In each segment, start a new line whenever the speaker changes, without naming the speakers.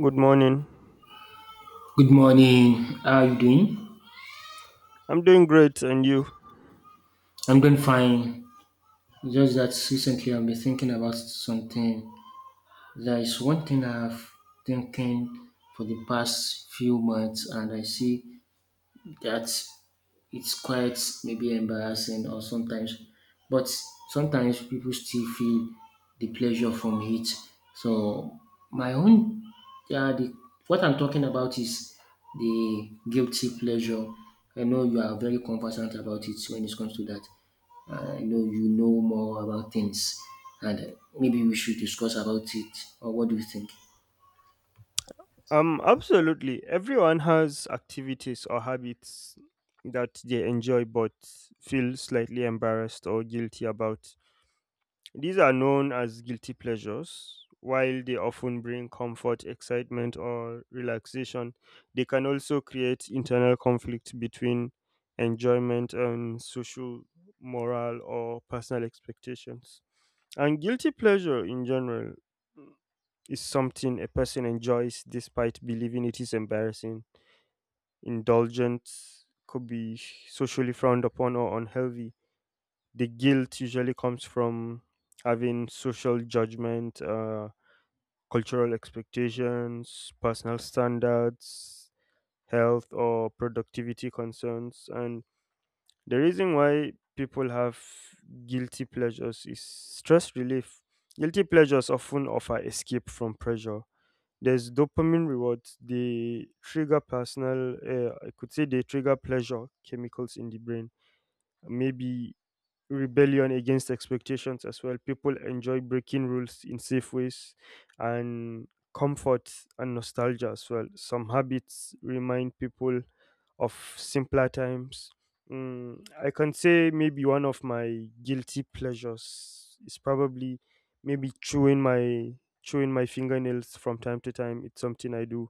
Good morning.
Good morning. How are you doing?
I'm doing great, and you?
I'm doing fine. Just that recently I've been thinking about something. There is one thing I've thinking for the past few months, and I see that it's quite maybe embarrassing or sometimes but sometimes people still feel the pleasure from it, so my own, yeah, the what I'm talking about is the guilty pleasure. I know you are very conversant about it when it comes to that. I know you know more about things, and maybe we should discuss about it. Or what do you think?
Absolutely. Everyone has activities or habits that they enjoy but feel slightly embarrassed or guilty about. These are known as guilty pleasures. While they often bring comfort, excitement, or relaxation, they can also create internal conflict between enjoyment and social, moral, or personal expectations. And guilty pleasure in general is something a person enjoys despite believing it is embarrassing. Indulgence could be socially frowned upon or unhealthy. The guilt usually comes from having social judgment, cultural expectations, personal standards, health or productivity concerns. And the reason why people have guilty pleasures is stress relief. Guilty pleasures often offer escape from pressure. There's dopamine rewards. They trigger personal, I could say they trigger pleasure chemicals in the brain. Maybe rebellion against expectations as well. People enjoy breaking rules in safe ways, and comfort and nostalgia as well. Some habits remind people of simpler times. I can say maybe one of my guilty pleasures is probably maybe chewing my fingernails from time to time. It's something I do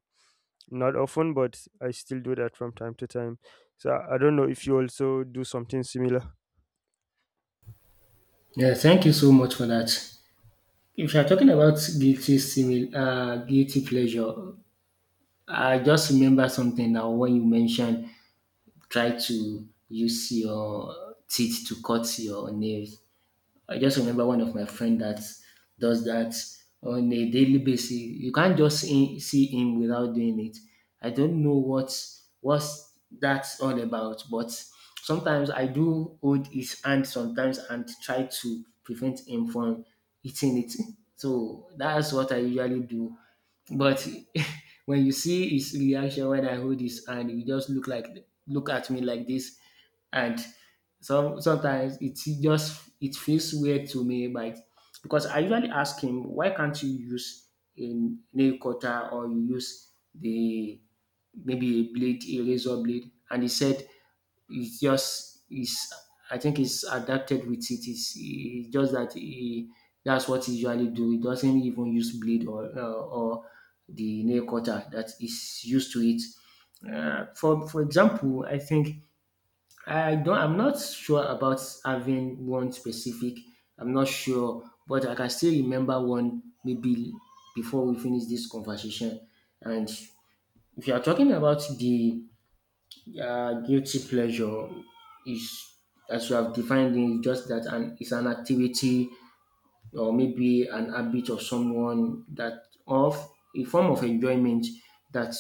not often, but I still do that from time to time. So I don't know if you also do something similar.
Yeah, thank you so much for that. If you're talking about guilty pleasure, I just remember something now when you mentioned try to use your teeth to cut your nails. I just remember one of my friend that does that on a daily basis. You can't just see him without doing it. I don't know what what's that's all about, but sometimes I do hold his hand sometimes and try to prevent him from eating it. So that's what I usually do, but when you see his reaction when I hold his hand, he just look like look at me like this, and sometimes it just it feels weird to me, but because I usually ask him why can't you use a nail cutter, or you use the maybe a blade, a razor blade, and he said it's just is I think he's adapted with it. It's just that he that's what he usually do. He doesn't even use blade or the nail cutter that is used to it. For example, I think I don't. I'm not sure about having one specific. I'm not sure, but I can still remember one maybe before we finish this conversation. And if you are talking about the, yeah, guilty pleasure is, as you have defined it, just that, and it's an activity or maybe an habit of someone that of a form of enjoyment that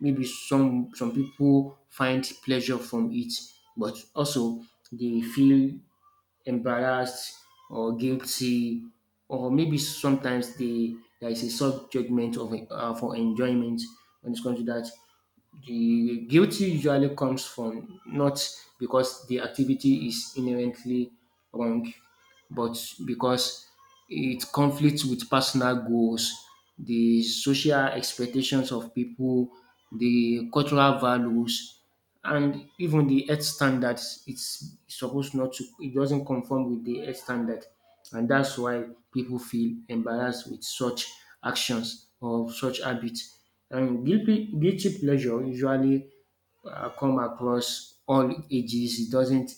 maybe some people find pleasure from it, but also they feel embarrassed or guilty, or maybe sometimes they there is a soft judgment of, for enjoyment when it comes to that. The guilty usually comes from not because the activity is inherently wrong, but because it conflicts with personal goals, the social expectations of people, the cultural values, and even the health standards it's supposed not to it doesn't conform with the health standard, and that's why people feel embarrassed with such actions or such habits. And guilty pleasure usually come across all ages. It doesn't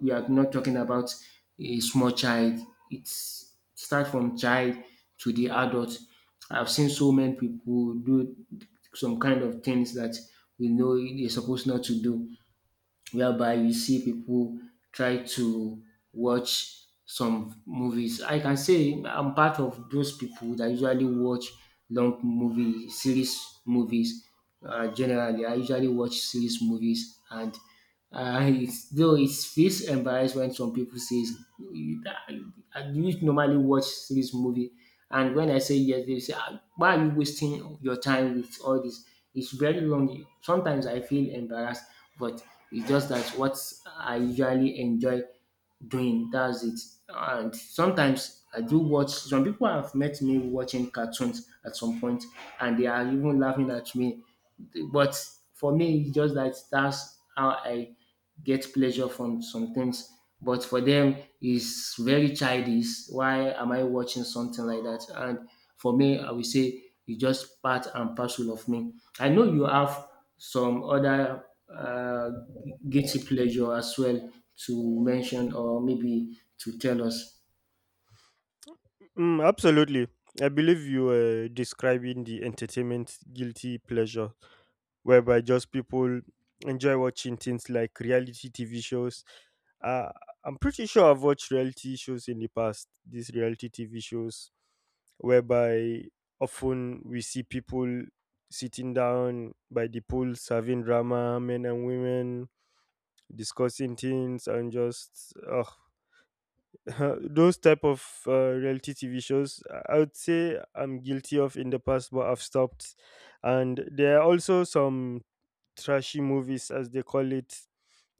we are not talking about a small child. It's start from child to the adult. I've seen so many people do some kind of things that we know you're supposed not to do, whereby you see people try to watch some movies. I can say I'm part of those people that usually watch long movie series movies. Generally, I usually watch series movies, and it's, though it feels embarrassed when some people say I, I used normally watch this movie, and when I say yes, they say, "Ah, why are you wasting your time with all this?" It's very long. Sometimes I feel embarrassed, but it's just that what I usually enjoy doing. That's it. And sometimes I do watch. Some people have met me watching cartoons at some point, and they are even laughing at me, but for me, it's just that that's how I get pleasure from some things. But for them, it's very childish. Why am I watching something like that? And for me, I will say it's just part and parcel of me. I know you have some other uh, guilty pleasure as well to mention or maybe to tell us.
Absolutely. I believe you were describing the entertainment guilty pleasure, whereby just people enjoy watching things like reality TV shows. Uh, I'm pretty sure I've watched reality shows in the past, these reality TV shows, whereby often we see people sitting down by the pools having drama, men and women discussing things and just oh, those type of reality TV shows. I would say I'm guilty of in the past, but I've stopped. And there are also some trashy movies, as they call it,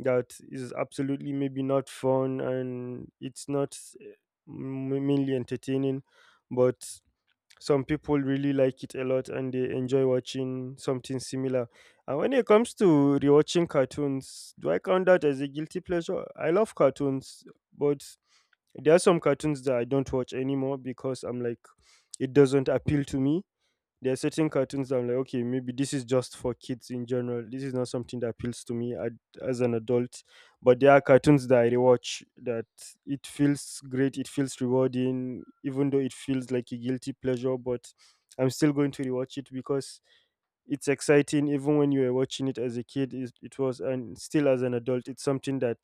that is absolutely maybe not fun and it's not mainly entertaining, but some people really like it a lot and they enjoy watching something similar. And when it comes to rewatching cartoons, do I count that as a guilty pleasure? I love cartoons, but there are some cartoons that I don't watch anymore because I'm like, it doesn't appeal to me. There are certain cartoons that I'm like, okay, maybe this is just for kids in general. This is not something that appeals to me as an adult. But there are cartoons that I rewatch that it feels great, it feels rewarding, even though it feels like a guilty pleasure. But I'm still going to rewatch it because it's exciting. Even when you were watching it as a kid, it was, and still as an adult, it's something that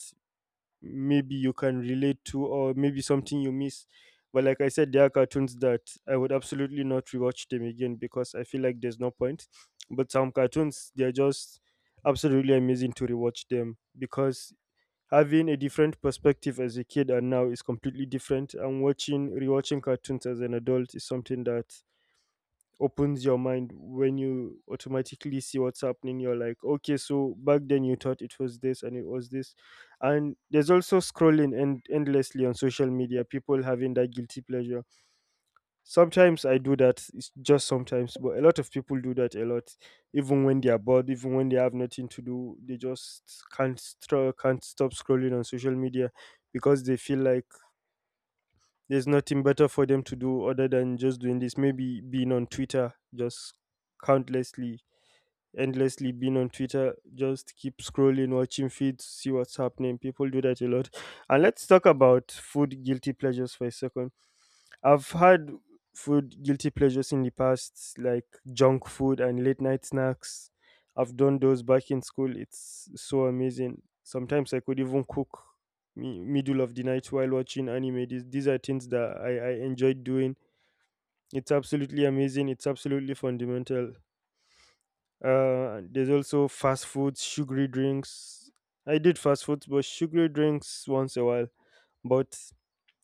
maybe you can relate to, or maybe something you miss. But like I said, there are cartoons that I would absolutely not rewatch them again because I feel like there's no point. But some cartoons, they're just absolutely amazing to rewatch them because having a different perspective as a kid and now is completely different, and watching, rewatching cartoons as an adult is something that opens your mind. When you automatically see what's happening, you're like, okay, so back then you thought it was this, and it was this. And there's also scrolling and endlessly on social media, people having that guilty pleasure. Sometimes I do that. It's just sometimes, but a lot of people do that a lot. Even when they are bored, even when they have nothing to do, they just can't stop scrolling on social media because they feel like there's nothing better for them to do other than just doing this. Maybe being on Twitter, just countlessly, endlessly being on Twitter, just keep scrolling, watching feeds, see what's happening. People do that a lot. And let's talk about food guilty pleasures for a second. I've had food guilty pleasures in the past, like junk food and late night snacks. I've done those back in school. It's so amazing. Sometimes I could even cook middle of the night while watching anime. These are things that I enjoyed doing. It's absolutely amazing. It's absolutely fundamental. There's also fast foods, sugary drinks. I did fast foods, but sugary drinks once a while. But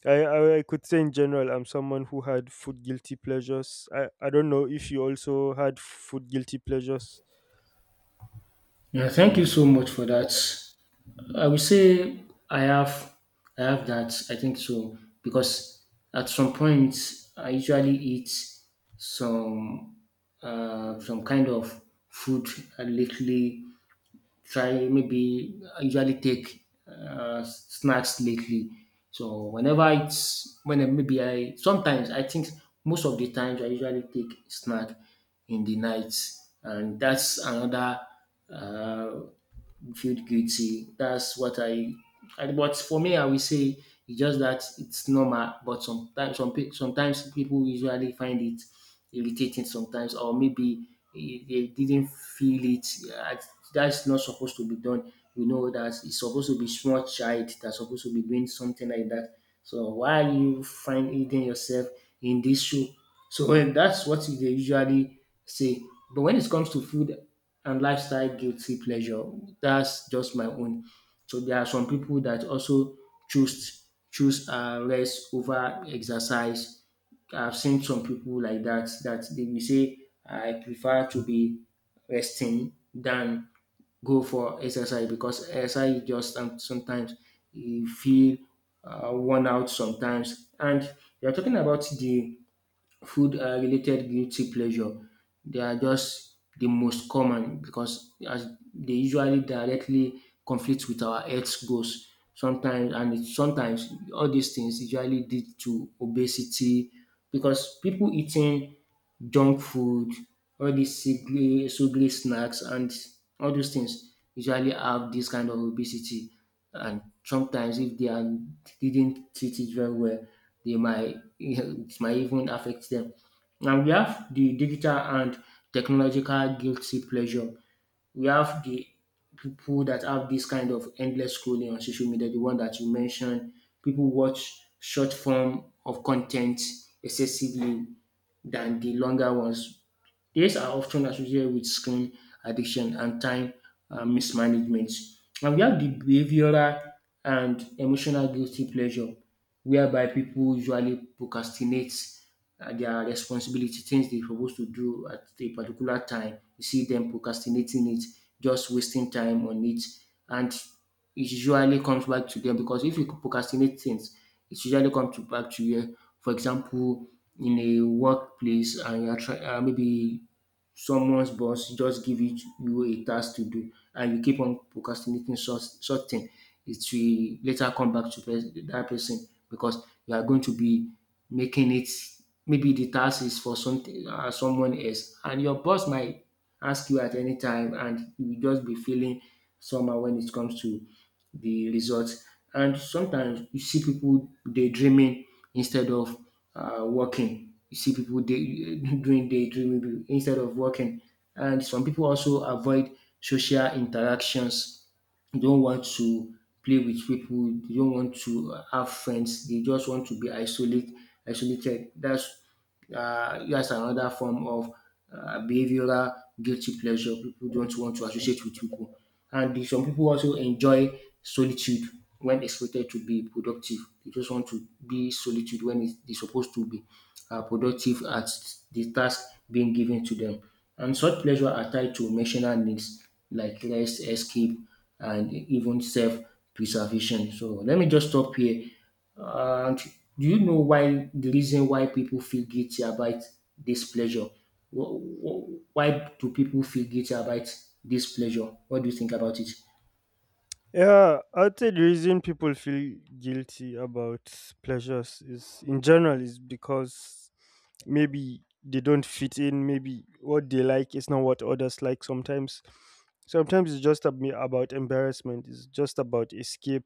I could say in general, I'm someone who had food guilty pleasures. I don't know if you also had food guilty pleasures.
Yeah, thank you so much for that. I would say I have I have that. I think so because at some point I usually eat some some kind of food. I lately try maybe I usually take snacks lately. So whenever it's when I, maybe I sometimes I think most of the times I usually take snack in the night, and that's another. Uh, Feel guilty. That's what I. But for me, I will say it's just that it's normal. But sometimes, sometimes people usually find it irritating sometimes, or maybe they didn't feel it. eh, That's not supposed to be done. We know that it's supposed to be small child that's supposed to be doing something like that. So why are you finding yourself in this shoe? So when that's what they usually say. But when it comes to food and lifestyle guilty pleasure. That's just my own. So there are some people that also choose choose rest over exercise. I've seen some people like that that they will say I prefer to be resting than go for exercise because exercise is just sometimes you feel worn out sometimes. And you're talking about the food related guilty pleasure, they are just the most common because as they usually directly conflict with our health goals sometimes, and it, sometimes all these things usually lead to obesity because people eating junk food, all these sugary snacks, and all those things usually have this kind of obesity. And sometimes if they are, didn't treat it very well, they might it might even affect them. Now we have the digital and technological guilty pleasure. We have the people that have this kind of endless scrolling on social media, the one that you mentioned. People watch short form of content excessively than the longer ones. These are often associated with screen addiction and time, mismanagement. And we have the behavioral and emotional guilty pleasure, whereby people usually procrastinate their responsibility, things they're supposed to do at a particular time. You see them procrastinating it, just wasting time on it. And it usually comes back to them because if you procrastinate things, it usually comes to back to you. For example, in a workplace, and you're maybe someone's boss just give it you a task to do, and you keep on procrastinating such thing, it will later come back to that person because you are going to be making it maybe the task is for something someone else, and your boss might ask you at any time, and you will just be feeling somehow when it comes to the results. And sometimes you see people daydreaming instead of working. You see people day, doing daydreaming instead of working. And some people also avoid social interactions. They don't want to play with people. They don't want to have friends. They just want to be isolated. That's another form of behavioral guilty pleasure. People don't want to associate with people, and some people also enjoy solitude when expected to be productive. They just want to be solitude when it's, they're supposed to be productive at the task being given to them. And such pleasure are tied to emotional needs like rest, escape, and even self preservation. So let me just stop here. And do you know why the reason why people feel guilty about this pleasure? Why do people feel guilty about this pleasure? What do you think about it?
Yeah, I'd say the reason people feel guilty about pleasures is in general is because maybe they don't fit in, maybe what they like is not what others like sometimes. Sometimes it's just about embarrassment, it's just about escape,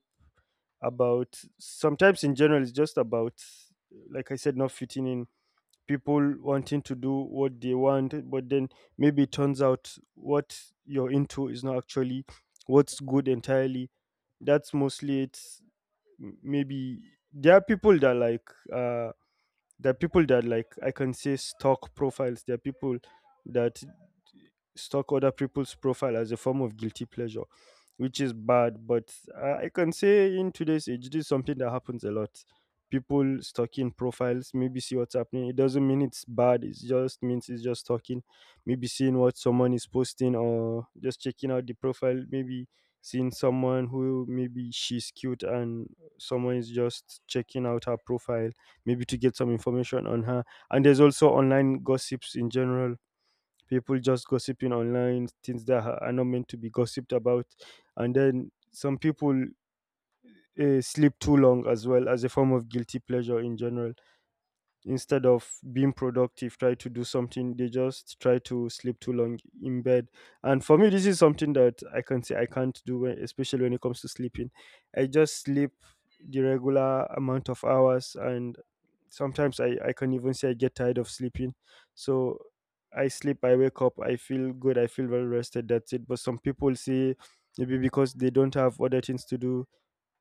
about sometimes in general, it's just about, like I said, not fitting in. People wanting to do what they want, but then maybe it turns out what you're into is not actually what's good entirely. That's mostly it. Maybe there are people that like I can say stalk profiles. There are people that stalk other people's profile as a form of guilty pleasure, which is bad. But I can say in today's age, this is something that happens a lot. People stalking profiles, maybe see what's happening. It doesn't mean it's bad. It just means it's just stalking. Maybe seeing what someone is posting or just checking out the profile. Maybe seeing someone who maybe she's cute, and someone is just checking out her profile maybe to get some information on her. And there's also online gossips in general. People just gossiping online, things that are not meant to be gossiped about. And then some people sleep too long as well as a form of guilty pleasure in general. Instead of being productive, try to do something, they just try to sleep too long in bed. And for me, this is something that I can say I can't do, especially when it comes to sleeping. I just sleep the regular amount of hours, and sometimes I can even say I get tired of sleeping. So I sleep, I wake up, I feel good, I feel well rested. That's it. But some people say maybe because they don't have other things to do,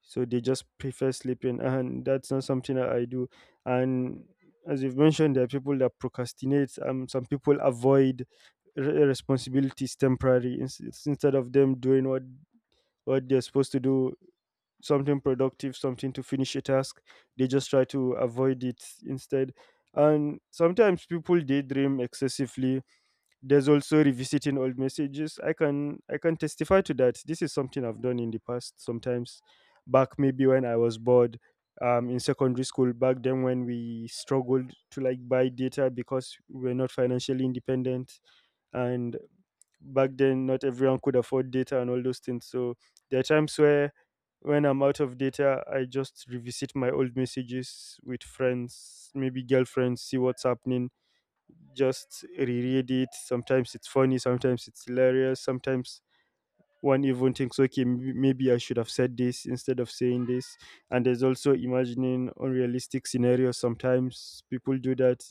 so they just prefer sleeping, and that's not something that I do. And as you've mentioned, there are people that procrastinate. Some people avoid responsibilities temporary, instead of them doing what they're supposed to do, something productive, something to finish a task, they just try to avoid it instead. And sometimes people daydream excessively. There's also revisiting old messages. I can testify to that. This is something I've done in the past sometimes. Back maybe when I was bored, in secondary school, back then when we struggled to like buy data because we were not financially independent, and back then not everyone could afford data and all those things. So there are times where when I'm out of data, I just revisit my old messages with friends, maybe girlfriends, see what's happening, just reread it. Sometimes it's funny, sometimes it's hilarious, sometimes one even thinks, okay, maybe I should have said this instead of saying this. And there's also imagining unrealistic scenarios. Sometimes people do that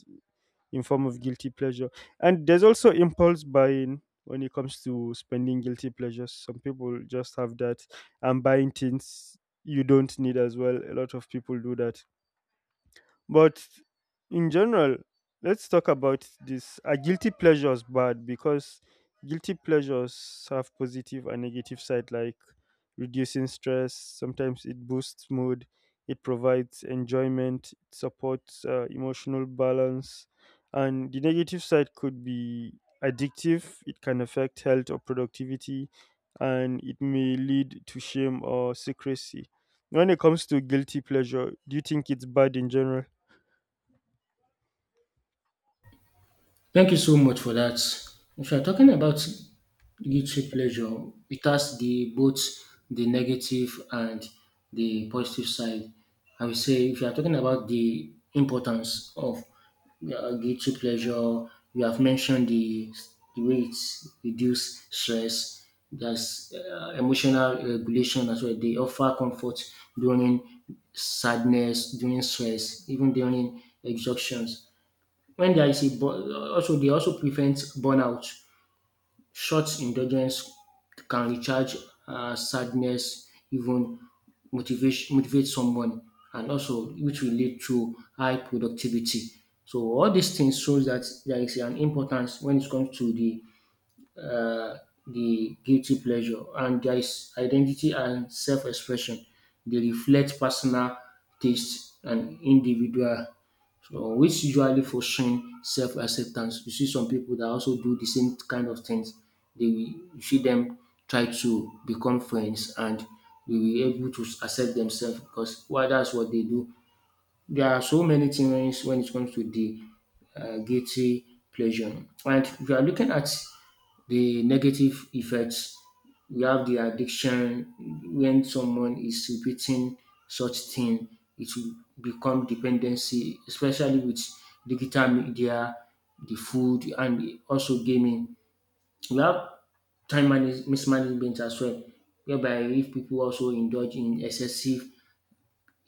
in form of guilty pleasure. And there's also impulse buying when it comes to spending guilty pleasures. Some people just have that, and buying things you don't need as well. A lot of people do that. But in general, let's talk about this. Are guilty pleasures bad? Because guilty pleasures have positive and negative side, like reducing stress. Sometimes it boosts mood. It provides enjoyment. It supports emotional balance. And the negative side could be addictive. It can affect health or productivity, and it may lead to shame or secrecy. When it comes to guilty pleasure, do you think it's bad in general?
Thank you so much for that. If you're talking about guilty pleasure, it has the both the negative and the positive side. I would say if you're talking about the importance of guilty pleasure, you have mentioned the way it reduce stress, there's emotional regulation as well. They offer comfort during sadness, during stress, even during exhaustions. When there is a also they also prevent burnout. Short indulgence can recharge sadness, even motivate someone, and also which will lead to high productivity. So all these things shows that there is an importance when it comes to the guilty pleasure, and there is identity and self expression. They reflect personal taste and individual, so which usually fostering self acceptance. You see some people that also do the same kind of things. They will you see them try to become friends, and they will be able to accept themselves because well, that's what they do. There are so many things when it comes to the guilty pleasure. And if you are looking at the negative effects. We have the addiction when someone is repeating such thing, it will become dependency, especially with digital media, the food, and also gaming. We have mismanagement as well, whereby if people also indulge in excessive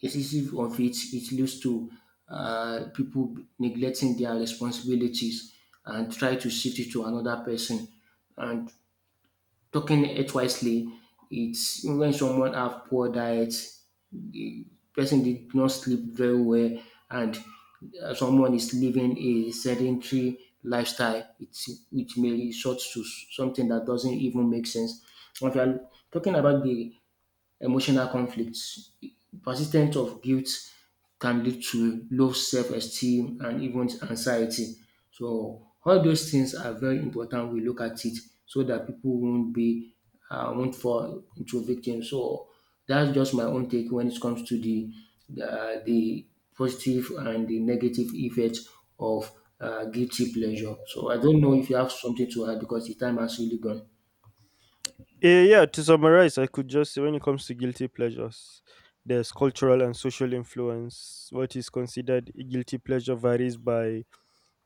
excessive of it, it leads to people neglecting their responsibilities and try to shift it to another person, and talking it wisely, it's when someone have poor diet, person did not sleep very well, and someone is living a sedentary lifestyle, it's, it may resort to something that doesn't even make sense. If you are talking about the emotional conflicts. Persistence of guilt can lead to low self-esteem and even anxiety. So all those things are very important. We look at it so that people won't be won't fall into victim. So that's just my own take when it comes to the positive and the negative effects of guilty pleasure. So I don't know if you have something to add because the time has really gone.
Yeah, to summarize, I could just say when it comes to guilty pleasures, there's cultural and social influence. What is considered a guilty pleasure varies by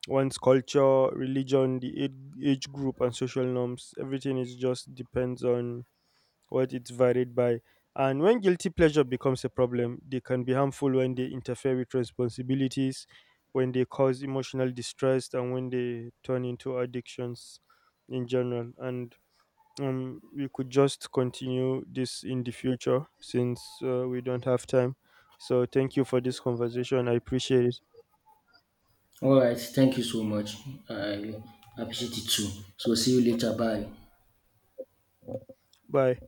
one's culture, religion, the age group, and social norms. Everything is just depends on what it's varied by. And when guilty pleasure becomes a problem, they can be harmful when they interfere with responsibilities, when they cause emotional distress, and when they turn into addictions in general. And we could just continue this in the future since we don't have time. So, thank you for this conversation. I appreciate it.
Alright, thank you so much. I appreciate it too. So see you later. Bye.
Bye.